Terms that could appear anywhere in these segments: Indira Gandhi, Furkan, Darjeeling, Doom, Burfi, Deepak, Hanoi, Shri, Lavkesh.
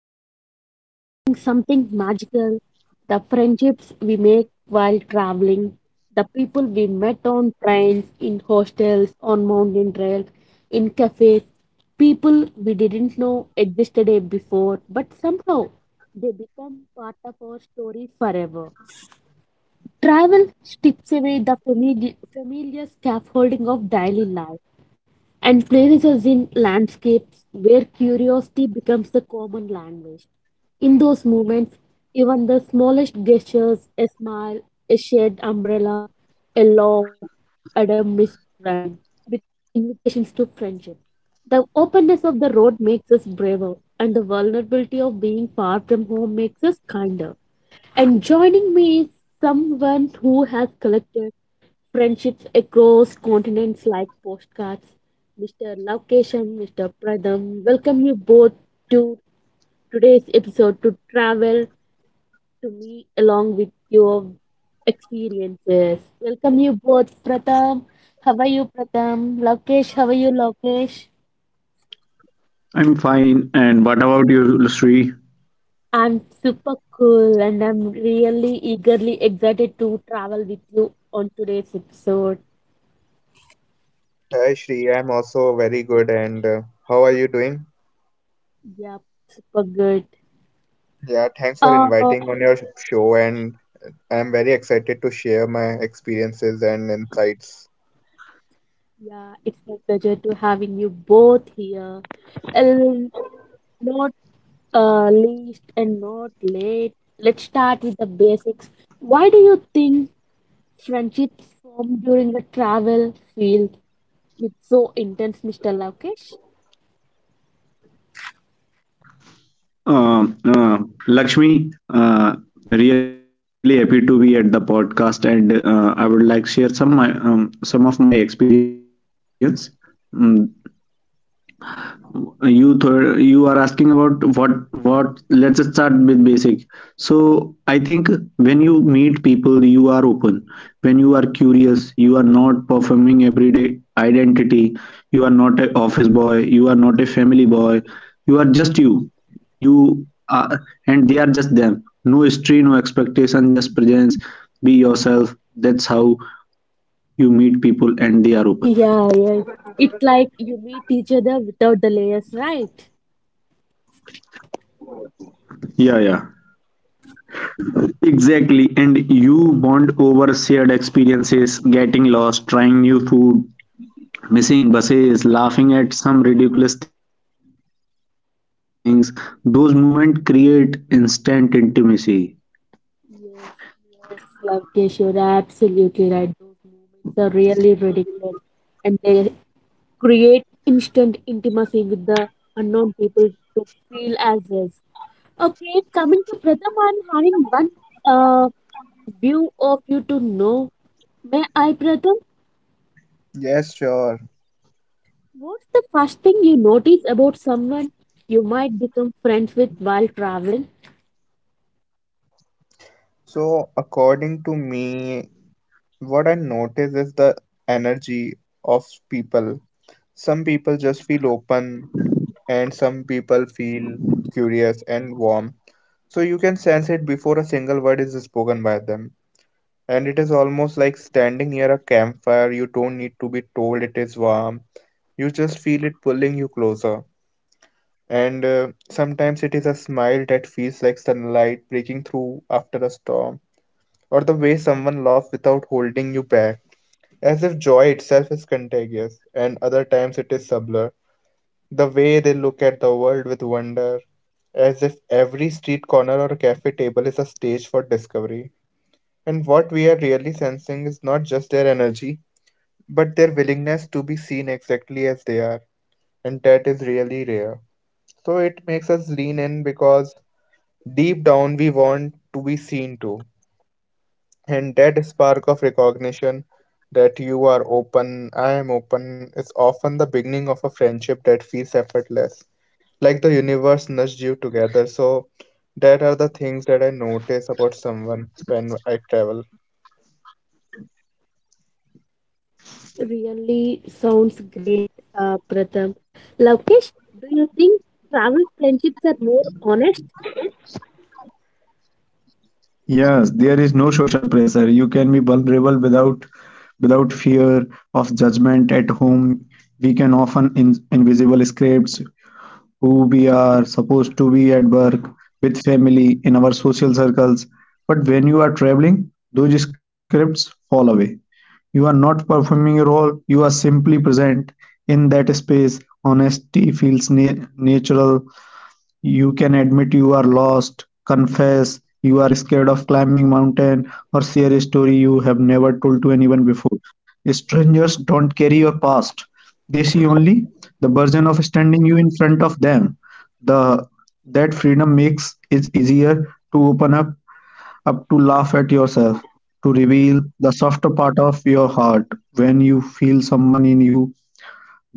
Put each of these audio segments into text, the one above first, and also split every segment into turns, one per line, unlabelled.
Today we are exploring something magical, the friendships we make while traveling, the people we met on trains, in hostels, on mountain trails, in cafes, people we didn't know existed a before, but somehow they become part of our story forever. Travel strips away the familiar scaffolding of daily life and places us in landscapes where curiosity becomes the common language. In those moments, even the smallest gestures, a smile, a shared umbrella, a laugh, and a missed rhyme, become invitations to friendship. The openness of the road makes us braver, and the vulnerability of being far from home makes us kinder. And joining me is someone who has collected friendships across continents like postcards. Mr. Lavkeshan, Mr. Pradham, welcome you both to today's episode to travel to me along with your experiences. Welcome you both, Pratham. How are you, Pratham? Lavkesh, how are you, Lavkesh?
I'm fine. And what about you,
I'm
Sri?
super cool and I'm really eagerly excited to travel with you on today's episode.
Hi Shri, I'm also very good and how are you doing?
Yeah, super good.
Yeah, thanks for
Uh,
inviting on your show, and I'm very excited to share my experiences and insights.
Yeah, it's my pleasure to having you both here. And not least and not late. Let's start with the basics. Why do you think friendships form during the travel field with so intense, Mr. Lokesh?
Um, uh, Lakshmi, really happy to be at the podcast, and I would like to share some of my experience. Mm, you are asking about what let's just start with basic. So I think when you meet people, you are open. When you are curious, you are not performing everyday identity. You are not a office boy, you are not a family boy. You are just you. You are, and they are just them. No history, no expectation, just presence. Be yourself. That's how you meet people, and they are open.
Yeah, yes. It's like you meet each other without the layers, right?
Yeah, yeah. Exactly, and you bond over shared experiences, getting lost, trying new food, missing buses, laughing at some ridiculous things. Those moments create instant intimacy.
Yes, yes, Lokesh, you're absolutely right. Those moments are really ridiculous and they create instant intimacy with the unknown people to feel as is. Okay, coming to Pratham, I'm having one uh, view of you to know. May I, Pratham?
Yes, sure.
What's the first thing you notice about someone you might become friends with while traveling?
So according to me, what I notice is the energy of people. Some people just feel open and some people feel curious and warm. So you can sense it before a single word is spoken by them. And it is almost like standing near a campfire. You don't need to be told it is warm, you just feel it pulling you closer. And sometimes it is a smile that feels like sunlight breaking through after a storm, or the way someone laughs without holding you back, as if joy itself is contagious. And other times it is subtler, the way they look at the world with wonder, as if every street corner or cafe table is a stage for discovery. And what we are really sensing is not just their energy, but their willingness to be seen exactly as they are, and that is really rare. So it makes us lean in because deep down we want to be seen too. And that spark of recognition that you are open, I am open, is often the beginning of a friendship that feels effortless. Like the universe nudged you together. So that are the things that I notice about someone when I travel.
Really sounds great, Pratham. Lokesh, do you think travel friendships are more honest?
Yes, there is no social pressure. You can be vulnerable without fear of judgment at home. We can often in invisible scripts who we are supposed to be at work, with family, in our social circles. But when you are traveling, those scripts fall away. You are not performing a role, you are simply present in that space. Honesty feels natural. You can admit you are lost, confess you are scared of climbing mountain, or share a story you have never told to anyone before. Strangers don't carry your past. They see only the burden of standing you in front of them. The That freedom makes it easier to open up to laugh at yourself, to reveal the softer part of your heart when you feel someone in you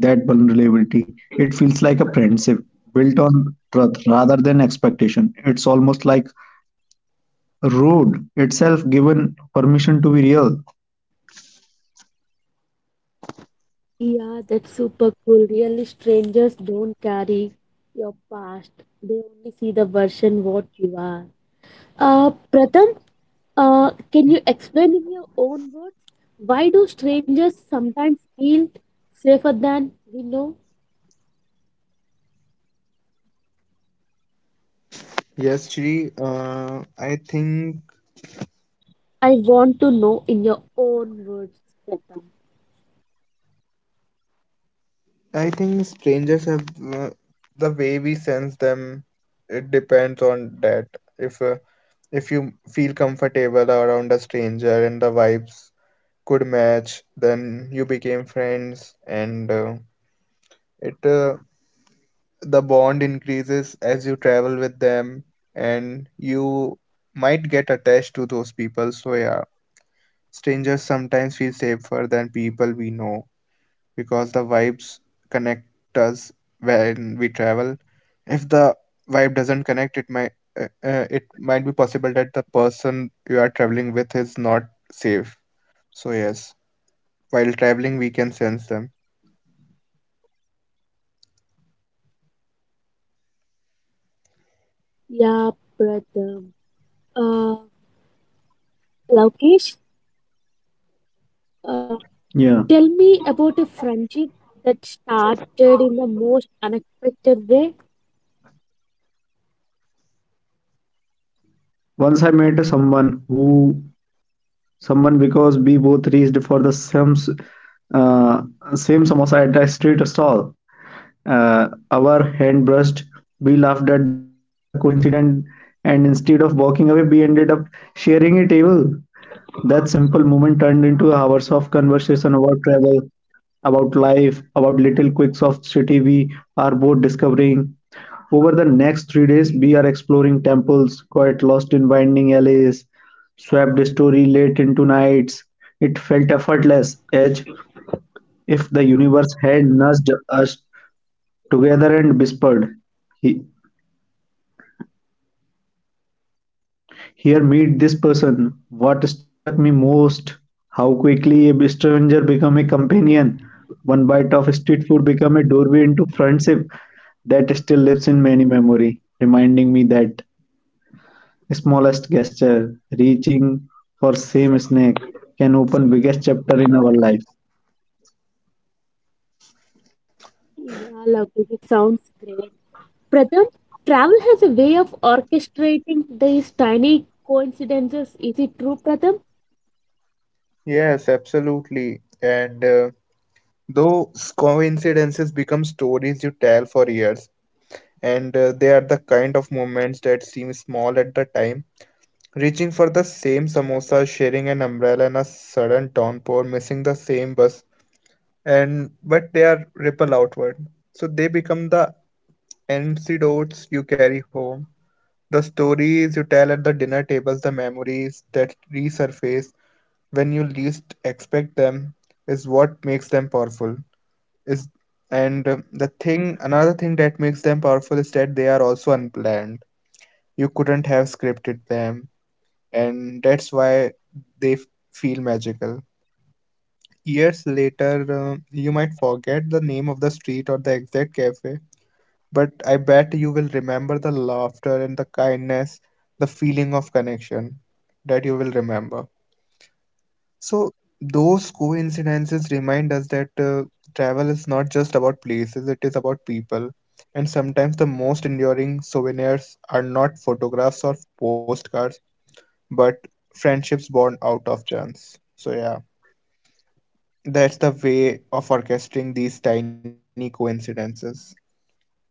that vulnerability. It feels like a friendship built on truth rather than expectation. It's almost like a road itself given permission to be real.
Yeah, that's super cool. Really, strangers don't carry your past. They only see the version what you are. Pratham, can you explain in your own words why do strangers sometimes feel safer than we know?
Yes, Shri, I think
I want to know in your own words, Pratham.
I think strangers have, uh, the way we sense them. It depends on that. If uh, if you feel comfortable around a stranger and the vibes could match, then you became friends, and it the bond increases as you travel with them, and you might get attached to those people. So yeah, strangers sometimes feel safer than people we know, because the vibes connect us when we travel. If the vibe doesn't connect, it might be possible that the person you are traveling with is not safe. So yes, while traveling, we can sense them.
Yeah, Pratham. Uh, Laukesh, uh, tell
Yeah.
me about a friendship that started in the most unexpected way.
Once I met someone who someone because we both reached for the uh, same samosa at a street stall. Uh, our hand brushed. We laughed at the coincidence, and instead of walking away, we ended up sharing a table. That simple moment turned into hours of conversation about travel, about life, about little quirks of city we are both discovering. Over the next 3 days, we are exploring temples, quite lost in winding alleys, swept story late into nights. It felt effortless, as if the universe had nudged us together and whispered, "Here, meet this person." What struck me most, how quickly a stranger become a companion. One bite of street food become a doorway into friendship that still lives in many memory, reminding me that smallest gesture, reaching for same snake, can open biggest chapter in our life.
Yeah, lovely. It sounds great. Pratham, travel has a way of orchestrating these tiny coincidences. Is it true, Pratham?
Yes, absolutely. And those coincidences become stories you tell for years, and they are the kind of moments that seem small at the time, reaching for the same samosa, sharing an umbrella in a sudden downpour, missing the same bus, and but they are ripple outward. So they become the antidotes you carry home, the stories you tell at the dinner tables, the memories that resurface when you least expect them is what makes them powerful. Is and the thing Another thing that makes them powerful is that they are also unplanned. You couldn't have scripted them, and that's why they feel magical. Years later, you might forget the name of the street or the exact cafe, but I bet you will remember the laughter and the kindness, the feeling of connection that you will remember. So, those coincidences remind us that travel is not just about places, it is about people. And sometimes the most enduring souvenirs are not photographs or postcards but friendships born out of chance. So, yeah, that's the way of orchestrating these tiny coincidences,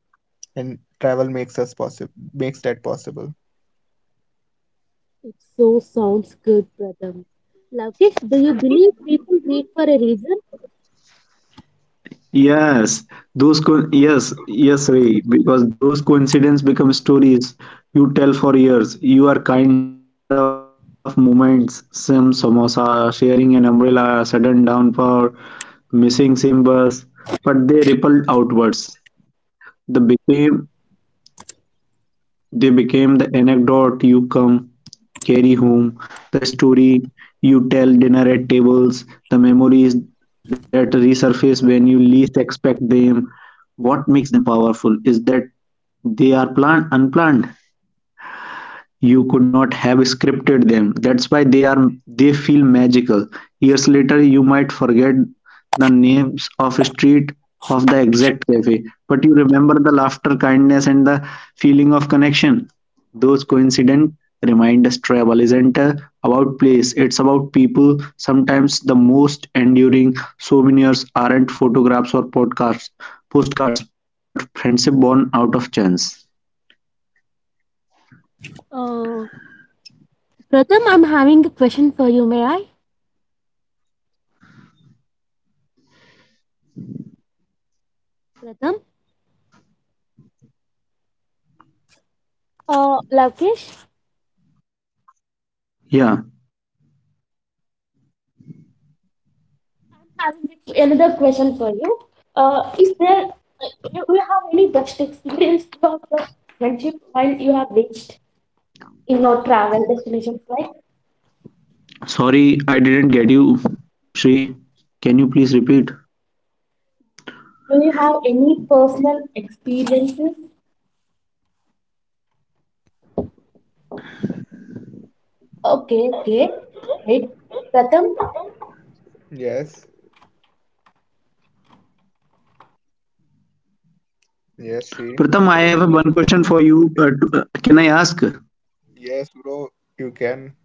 and travel makes us possible, makes that possible.
It so sounds good, Pratham. Lokesh, do you believe people wait for a reason?
Yes, yes, yes, Ray, because those coincidence become stories you tell for years. You are kind of moments, some samosa, sharing an umbrella, sudden downpour, missing same bus, but they rippled outwards. They became they became the anecdote carry home, the story you tell dinner at tables, the memories that resurface when you least expect them. What makes them powerful is that they are unplanned. You could not have scripted them, that's why they feel magical. Years later you might forget the names of street of the exact cafe, but you remember the laughter, kindness, and the feeling of connection. Those coincident remind us travel isn't about place, it's about people. Sometimes the most enduring souvenirs aren't photographs or podcasts postcards, but friendship born out of chance.
Uh, Pratham, I'm having a question for you. May I? Pratham? Lokesh, I'm having
Yeah.
another question for you. Is there, do you have any best experience about your friendship while you have reached in your travel destinations, like
Sorry, I didn't get you, Shri. Can you please repeat?
do you have any personal experiences? Okay, okay, right, Pratham.
Yes, yes, she.
Pratham, I have one question for you. Can
Yes,
I ask?
bro, you can.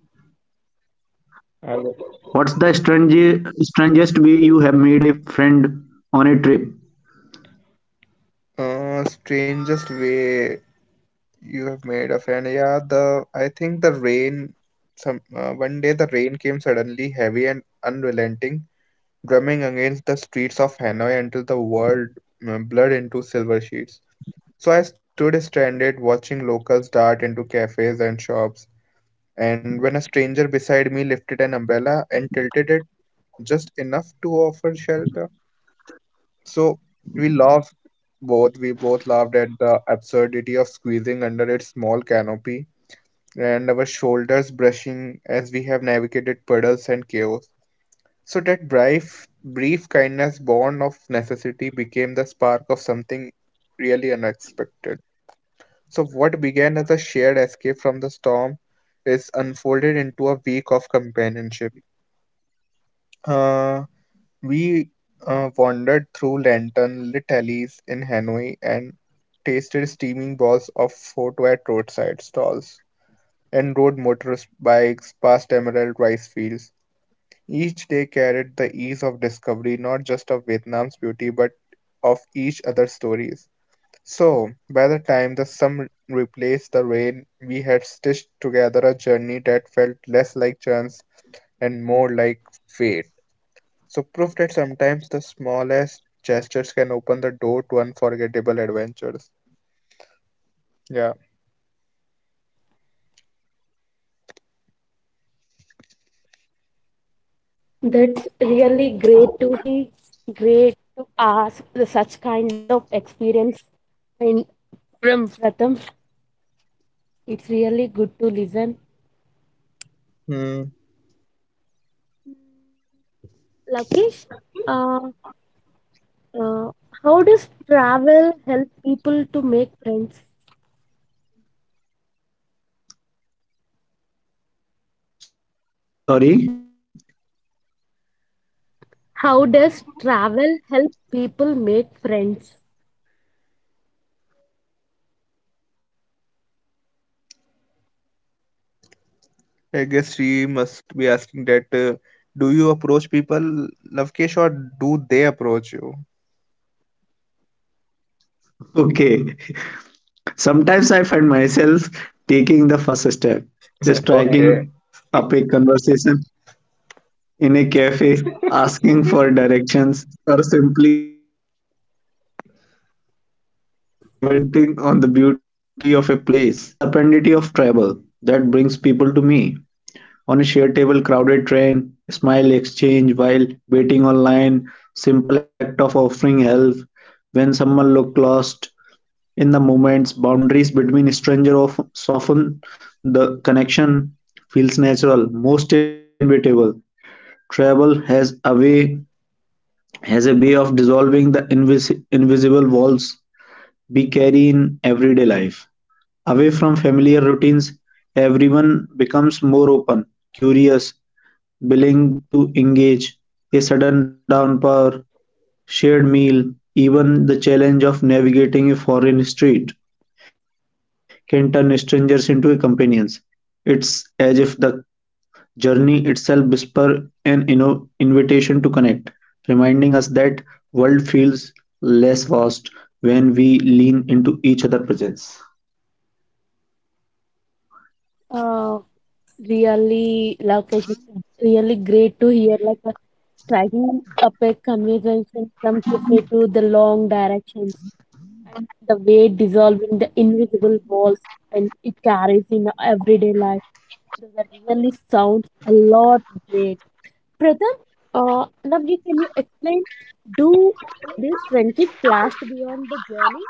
I
What's the strangest way you have made a friend on a trip?
Strangest way you have made a friend. Yeah, the I think the rain. Some One day the rain came suddenly, heavy and unrelenting, drumming against the streets of Hanoi until the world blurred into silver sheets. So I stood stranded, watching locals dart into cafes and shops. And when a stranger beside me lifted an umbrella and tilted it just enough to offer shelter. So we laughed both. We both laughed at the absurdity of squeezing under its small canopy and our shoulders brushing as we have navigated puddles and chaos. So that brief kindness born of necessity became the spark of something really unexpected. So what began as a shared escape from the storm is unfolded into a week of companionship. Uh, We wandered through lantern-lit alleys in Hanoi and tasted steaming balls of pho at roadside stalls and rode motorbikes past emerald rice fields. Each day carried the ease of discovery, not just of Vietnam's beauty, but of each other's stories. So, by the time the sun replaced the rain, we had stitched together a journey that felt less like chance and more like fate. So, proof that sometimes the smallest gestures can open the door to unforgettable adventures. Yeah.
That's really great to hear, Pratham. uh Lakesh, it's really great to ask the such kind of experience and from Pratham. It's really good to listen.
Hmm.
Lakesh, uh, uh, how does travel help people to make friends?
Sorry?
How does travel help people make friends?
I guess she must be asking that, do you approach people, Lavkesh, or do they approach you?
Okay. Sometimes I find myself taking the first step,
Okay.
just striking up a conversation in a cafe, asking for directions, or simply commenting on the beauty of a place. Other time, it's the serendipity of travel that brings people to me. On a share table, crowded train, smile exchange while waiting online, simple act of offering help when someone looked lost. In the moments, boundaries between stranger of soften, the connection feels natural, most inevitable. Travel has a way of dissolving the invisible walls we carry in everyday life. Away from familiar routines, everyone becomes more open, curious, willing to engage. A sudden downpour, shared meal, even the challenge of navigating a foreign street can turn strangers into companions. It's as if the journey itself whispers an invitation to connect, reminding us that world feels less vast when we lean into each other's presence.
Uh, really, Lokesh, it's really great to hear. Like striking up a conversation from cafe to the long directions, and the way dissolving the invisible walls, and it carries in everyday life. Those are really sounds a lot great. Pratham, Navji, can you explain? Do these friendships last beyond the journey?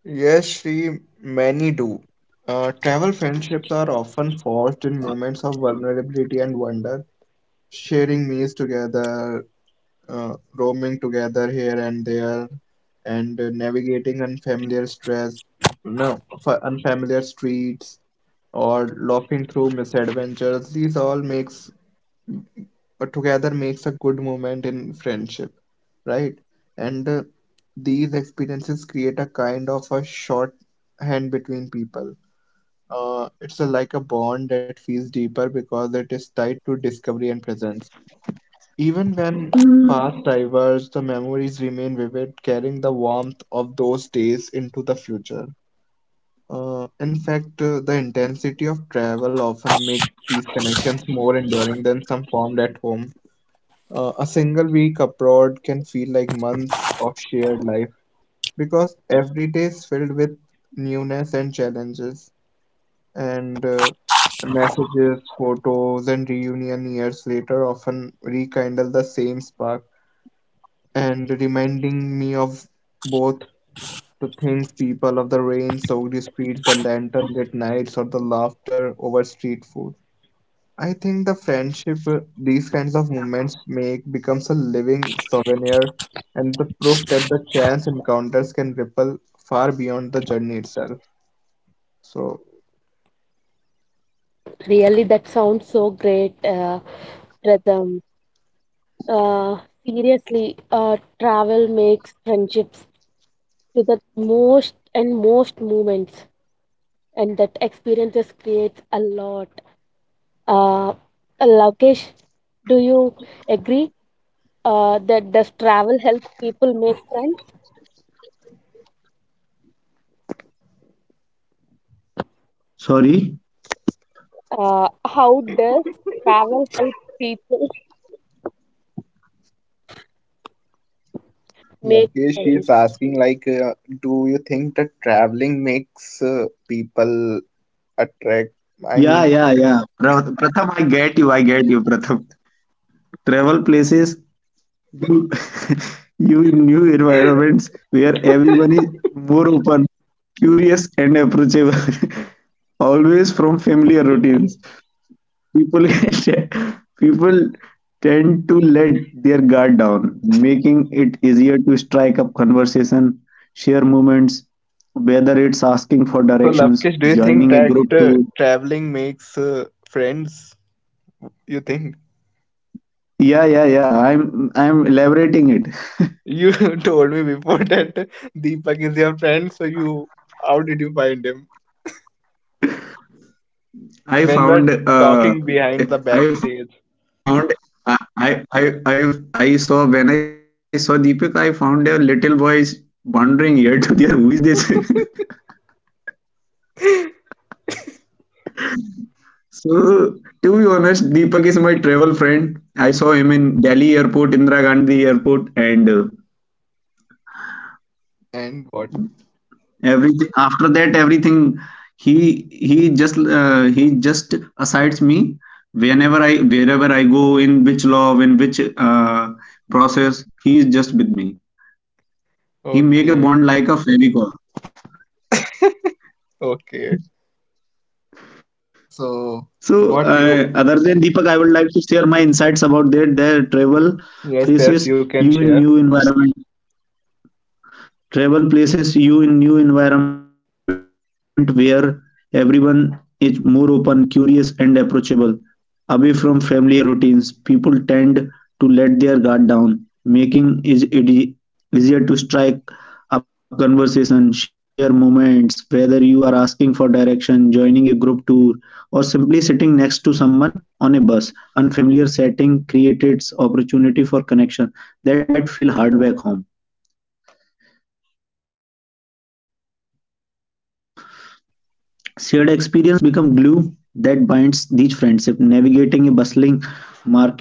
Yes, Shri, many do. Travel friendships are often forged in moments of vulnerability and wonder. Sharing meals together, roaming together here and there, and navigating unfamiliar stress no f- unfamiliar streets, or laughing through misadventures, these all makes, together makes a good moment in friendship, right? And these experiences create a kind of a short hand between people. It's a, like a bond that feels deeper because it is tied to discovery and presence, even
Mm.
when paths diverge, the memories remain vivid, carrying the warmth of those days into the future. In fact, the intensity of travel often makes these connections more enduring than some formed at home. A single week abroad can feel like months of shared life, because every day is filled with newness and challenges. And messages, photos, and reunion years later often rekindle the same spark, and reminding me of both the things people of the rain soaked streets, the lantern lit nights, or the laughter over street food. I think the friendship, these kinds of moments make, becomes a living souvenir and the proof that the chance encounters can ripple far beyond the journey itself. So,
Really, that sounds so great, Pratham. Uh, seriously, travel makes friendships to the most and most moments, and that experiences creates a lot. Uh, Lokesh, do you agree that does travel help people make friends?
Sorry.
How does travel help people make
Lakesh
friends?
is asking, like, do you think that traveling makes people attract?
Yeah,
I
yeah,
mean,
yeah. Pratham, I get you, Pratham. Travel places, you, you in new environments where everyone is more open, curious, and approachable. Always from familiar routines. People, people tend to let their guard down, making it easier to strike up conversation, share moments, whether it's asking for
so,
directions,
Lavkesh, do you think
joining a
that
group tour.
traveling makes friends? You think?
Yeah, yeah, yeah. I'm elaborating it.
You told me before that Deepak is your friend, so you how did you find him?
I
When
found
we're
uh
talking behind the
I found
backstage.
I saw Deepika, I found a little boy is wandering here to there. Who is this? So to be honest, Deepak is my travel friend. I saw him in Delhi airport, Indira Gandhi airport, and
And what?
everything after that, everything he just assigns me whenever I wherever I go, in which process he is just with me.
Okay,
He make a bond like a fairy call.
okay. So,
So,
what you?
other than Deepak, I would like to share my insights about that their travel
Yes, yes, you
places,
can
you
share.
in new environment. Travel places you in new environment where everyone is more open, curious, and approachable. Away from familiar routines, people tend to let their guard down, making it easier to strike up conversation, share moments, whether you are asking for direction, joining a group tour, or simply sitting next to someone on a bus. Unfamiliar setting creates opportunity for connection that might feel harder back home. Shared experience become glue that binds these friendships, navigating a bustling market together,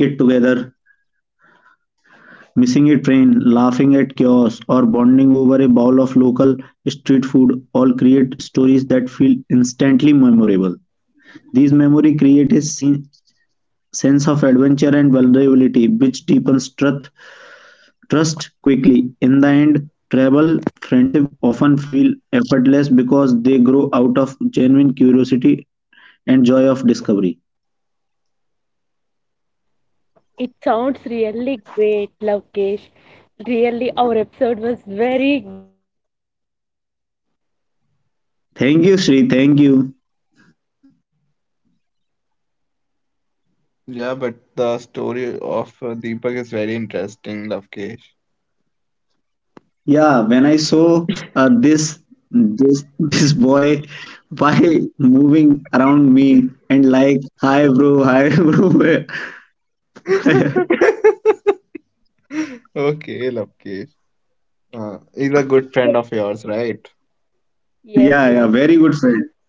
missing a train, laughing at chaos, or bonding over a bowl of local street food all create stories that feel instantly memorable. These memory create a scene, sense of adventure and vulnerability which deepens trust quickly. In the end, travel friendship often feel effortless because they grow out of genuine curiosity and joy of discovery.
It sounds really great, Lokesh. Really, our episode was very great that you shared experience, whatever
Thank you, Sri.
you
Thank
had with
you.
your travel friend Deepak. And really, it's awesome
Yeah,
to
but
know
the story
in
of
your
Deepak
words.
is very interesting,
Pratham, do you
Lavkesh.
agree? Can a small
Yeah, when I
encounter
saw
really
this
turn into a
this
friendship?
this boy by moving around me and like, hi bro, hi bro.
Okay, Lavkesh. He's a good friend of yours, right?
Yes,
Yeah,
yes.
yeah, very good friend.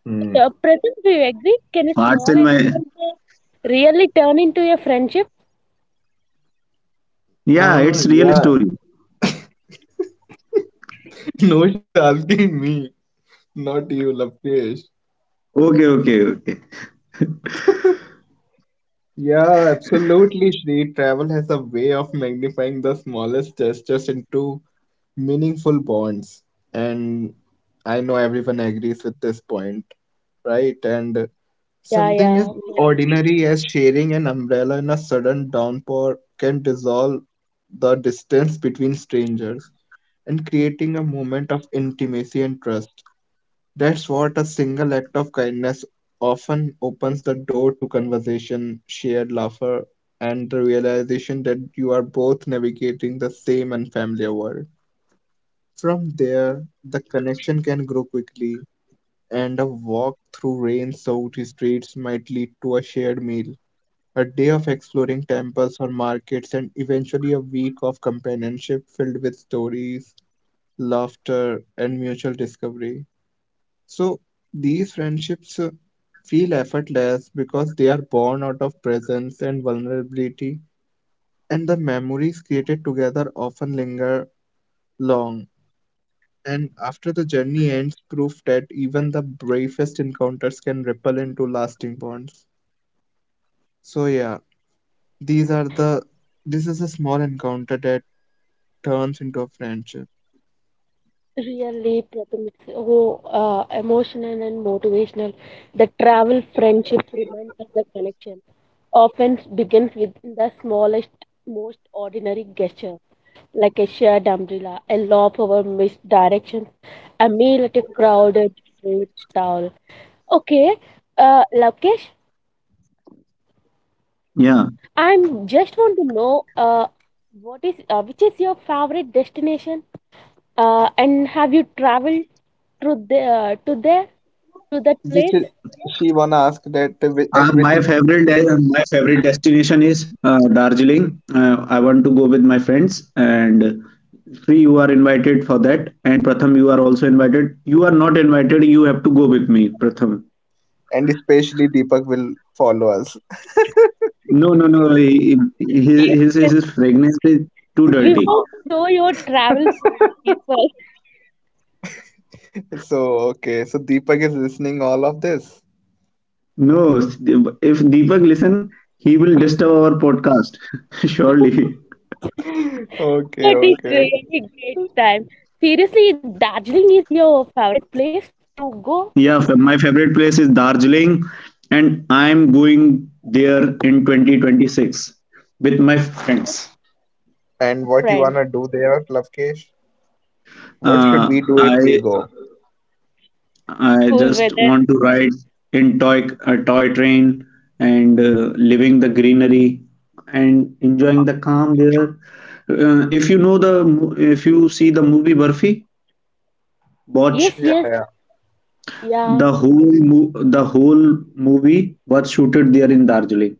Hmm.
Pratham, do you agree? Can a small
Hearts in my.
encounter really turn into a friendship?
Yeah,
Ah,
it's
yeah.
real story.
No, she's asking me, not you, Lavkesh.
Okay, okay, okay.
Yeah, absolutely, Shri. Travel has a way of magnifying the smallest gestures into meaningful bonds. And I know everyone agrees with this point, right? And
Yeah,
something
yeah.
as
We yeah are like,
ordinary as sharing an umbrella in a sudden downpour can dissolve the distance between strangers and creating a moment of intimacy and trust. That's what a single act of kindness often opens the door to conversation, shared laughter, and the realization that you are both navigating the same unfamiliar world. From there, the connection can grow quickly, and a walk through rain soaked streets might lead to a shared meal, a day of exploring temples or markets, and eventually a week of companionship filled with stories, laughter, and mutual discovery. So, these friendships, feel effortless because they are born out of presence and vulnerability, and the memories created together often linger long and after the journey ends, proof that even the bravest encounters can ripple into lasting bonds. So yeah, these are the this is a small encounter that turns into a friendship.
really, Pratham, it's oh, emotional and motivational. The travel friendships reminds us the connection often begins with the smallest, most ordinary gesture, like a shared umbrella, a laugh over misdirections, a meal at a crowded food stall. Okay, Lokesh,
Yeah.
I'm just want to know, what is, which is your favorite destination? And have you traveled to the to there to that
Which is-
place?
she wanna ask that,
My my favorite destination is Darjeeling. I want to go with my friends. And Sri, you are invited for that, and Pratham, you are also invited. You are not invited. You have to go with me, Pratham.
and especially Deepak will follow us.
No, no, no. he- he-
Yes, yes.
His his his fragrance is too
We won't
dirty.
show your travel story people,
So okay, so Deepak is listening all of this.
No, if Deepak listen, he will disturb our surely.
Okay,
but it's
okay.
really great time. Seriously, Darjeeling is your favorite place to go,
Yeah, my favorite place is Darjeeling, and I'm going there in 2026 with my friends.
And what you
friends.
wanna do there, Lavkesh? What should
Uh,
we do if we
I
go?
I
Cool
just
weather.
want to ride in toy train and living the greenery and enjoying the calm there. If you know the mo- If you see the movie Burfi, watch
Yes,
Yeah,
yes,
yeah,
yeah.
the whole movie was shooted there in Darjeeling.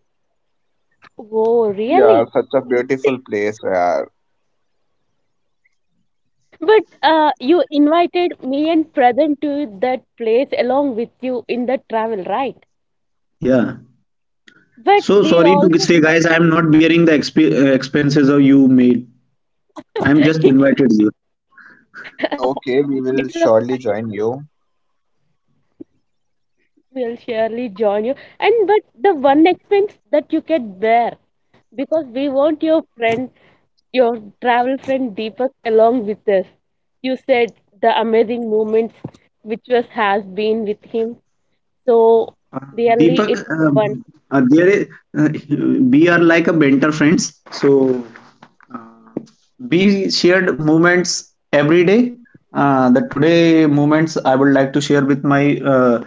Oh,
yeah.
really?
Such a beautiful place. Yeah.
But you invited me and Pradhan to that place along with you in the travel, right?
Yeah.
But
So
we
sorry to
also
say, guys, I'm not bearing expenses of you made. I'm just invited here.
Okay, we will
it
surely join you.
will surely join you. And but the one expense that you can bear, because we want your friend, your travel friend Deepak along with us. You said the amazing moments which was has been with him. So
Uh,
really,
Deepak,
it's a one
uh, there is, uh, we are like a mentor friends. So uh, we shared moments every day. The today moments I would like to share with my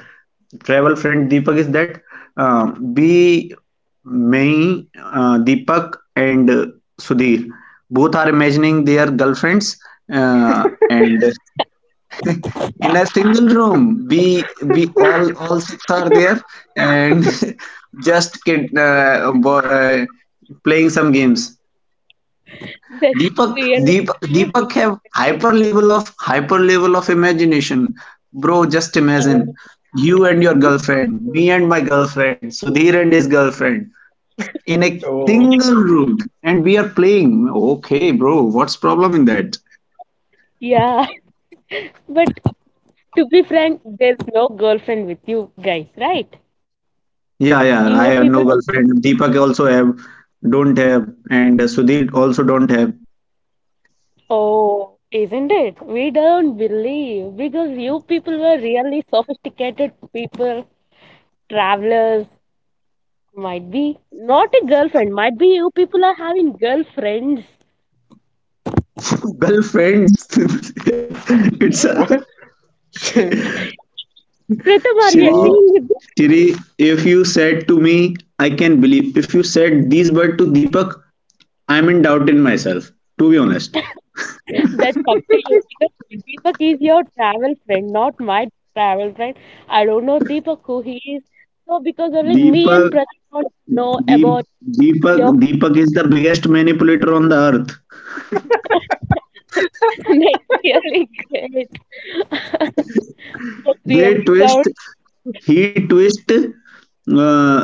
travel friend Deepak is that um, we, me, Deepak, and Sudhir both are imagining their girlfriends, and in a single room we all six are there, and just playing some games.
that's
deepak
really
deepak
cool.
deepak have hyper level of imagination. Bro, just imagine
Uh,
you and your girlfriend, me and my girlfriend, Sudhir and his girlfriend, in a
Oh,
single room, and we are playing. Okay, bro, what's problem in that?
yeah, but to be frank, there's no girlfriend with you guys, right?
Yeah,
You
yeah. I have
people,
no girlfriend. Deepak also don't have, and Sudhir also don't have.
oh, isn't it? We don't believe because you people were really sophisticated people, travelers, might be not a girlfriend, might be you people are having girlfriends.
Girlfriends. It's
Yes.
a
what?
Pritham, are you
Shri,
Wow.
agreeing with this?
If you said to me, I can believe. If you said these words to Deepak, I'm in doubt in myself, to be honest.
That's up to you because Deepak is your travel friend, not my travel friend. I don't know Deepak who he is. So because only me and
Deepak,
Pritham don't know
Deep,
about
Deepak,
your
Deepak is the biggest manipulator on the earth.
next year. That's
They
really
twist, he twist uh,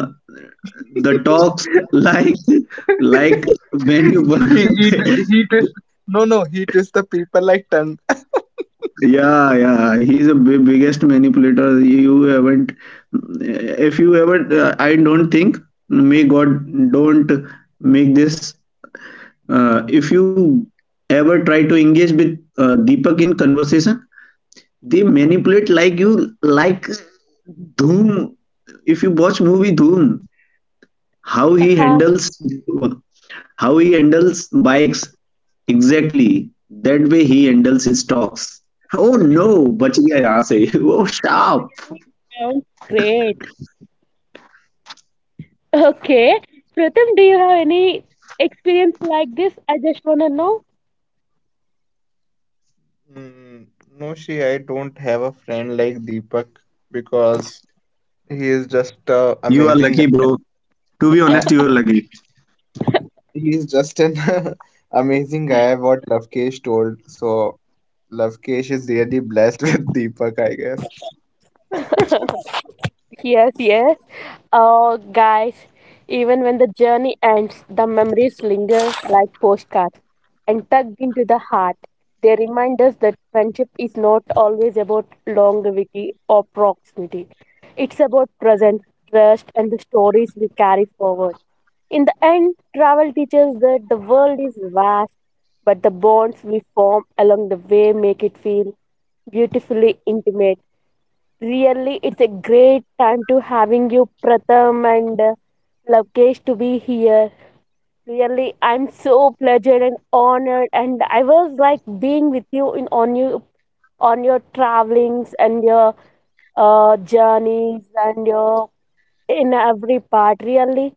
the talks, like like when you
He,
were-
he, t- he twist. No, no, he twist the people like tongue.
yeah, yeah, he's a biggest manipulator. You haven't, if you ever I don't think, may God don't make this, if you ever try to engage with Deepak in conversation, they manipulate like you, like Doom. If you watch movie Doom, How he
sound.
handles how he handles bikes, exactly that way he handles his talks. Oh no, बच गया यहाँ से. Oh sharp.
Sounds great. Okay. Pratham, do you have any experience like this? I just want to know.
Mm, no, she, I don't have a friend like Deepak, because he is just
You are
amazing.
lucky, bro. To be
Uh,
honest, you are lucky.
he is just an amazing guy. What Ravkesh told. So Lovekesh is really blessed with Deepak, I guess.
Yes, yes. Oh, guys, even when the journey ends, the memories linger like postcards and tugged into the heart. They remind us that friendship is not always about longevity or proximity. It's about present, trust, and the stories we carry forward. In the end, travel teaches that the world is vast, but the bonds we form along the way make it feel beautifully intimate. Really, it's a great time to having you, Pratham and Lokesh, to be here. Really, I'm so pleasured and honored, and I was like being with you in on you on your travelings and your journeys and your in every part. Really,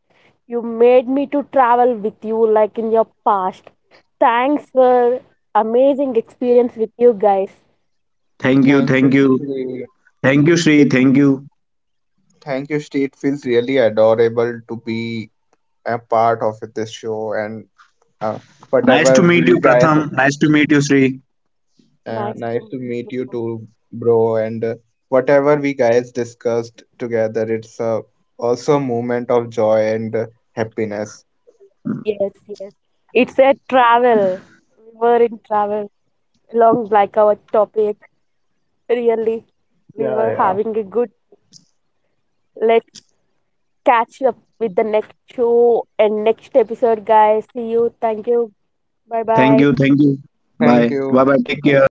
you made me to travel with you like in your past. Thanks for amazing experience with you guys.
Thank you,
Thank you,
thank you,
Shri.
thank you, Sri. Thank you.
Thank you, Shri. It feels really adorable to be a part of this show, and uh,
Nice to
whatever
meet you,
we guys.
Pratham. Nice to meet you, Sri.
Nice
Nice
to
to
meet
meet you
you.
too, bro. And whatever we guys discussed together, it's also a moment of joy and
Yes,
happiness.
yes. It's a travel. We were in travel along like our topic. Really, we were
Yeah,
having a
yeah.
good. Let's catch up with the next show and next episode, guys. See you. Thank you. Bye
Thank
bye.
you, thank you.
Thank
Bye, bye,
you.
bye. Take care.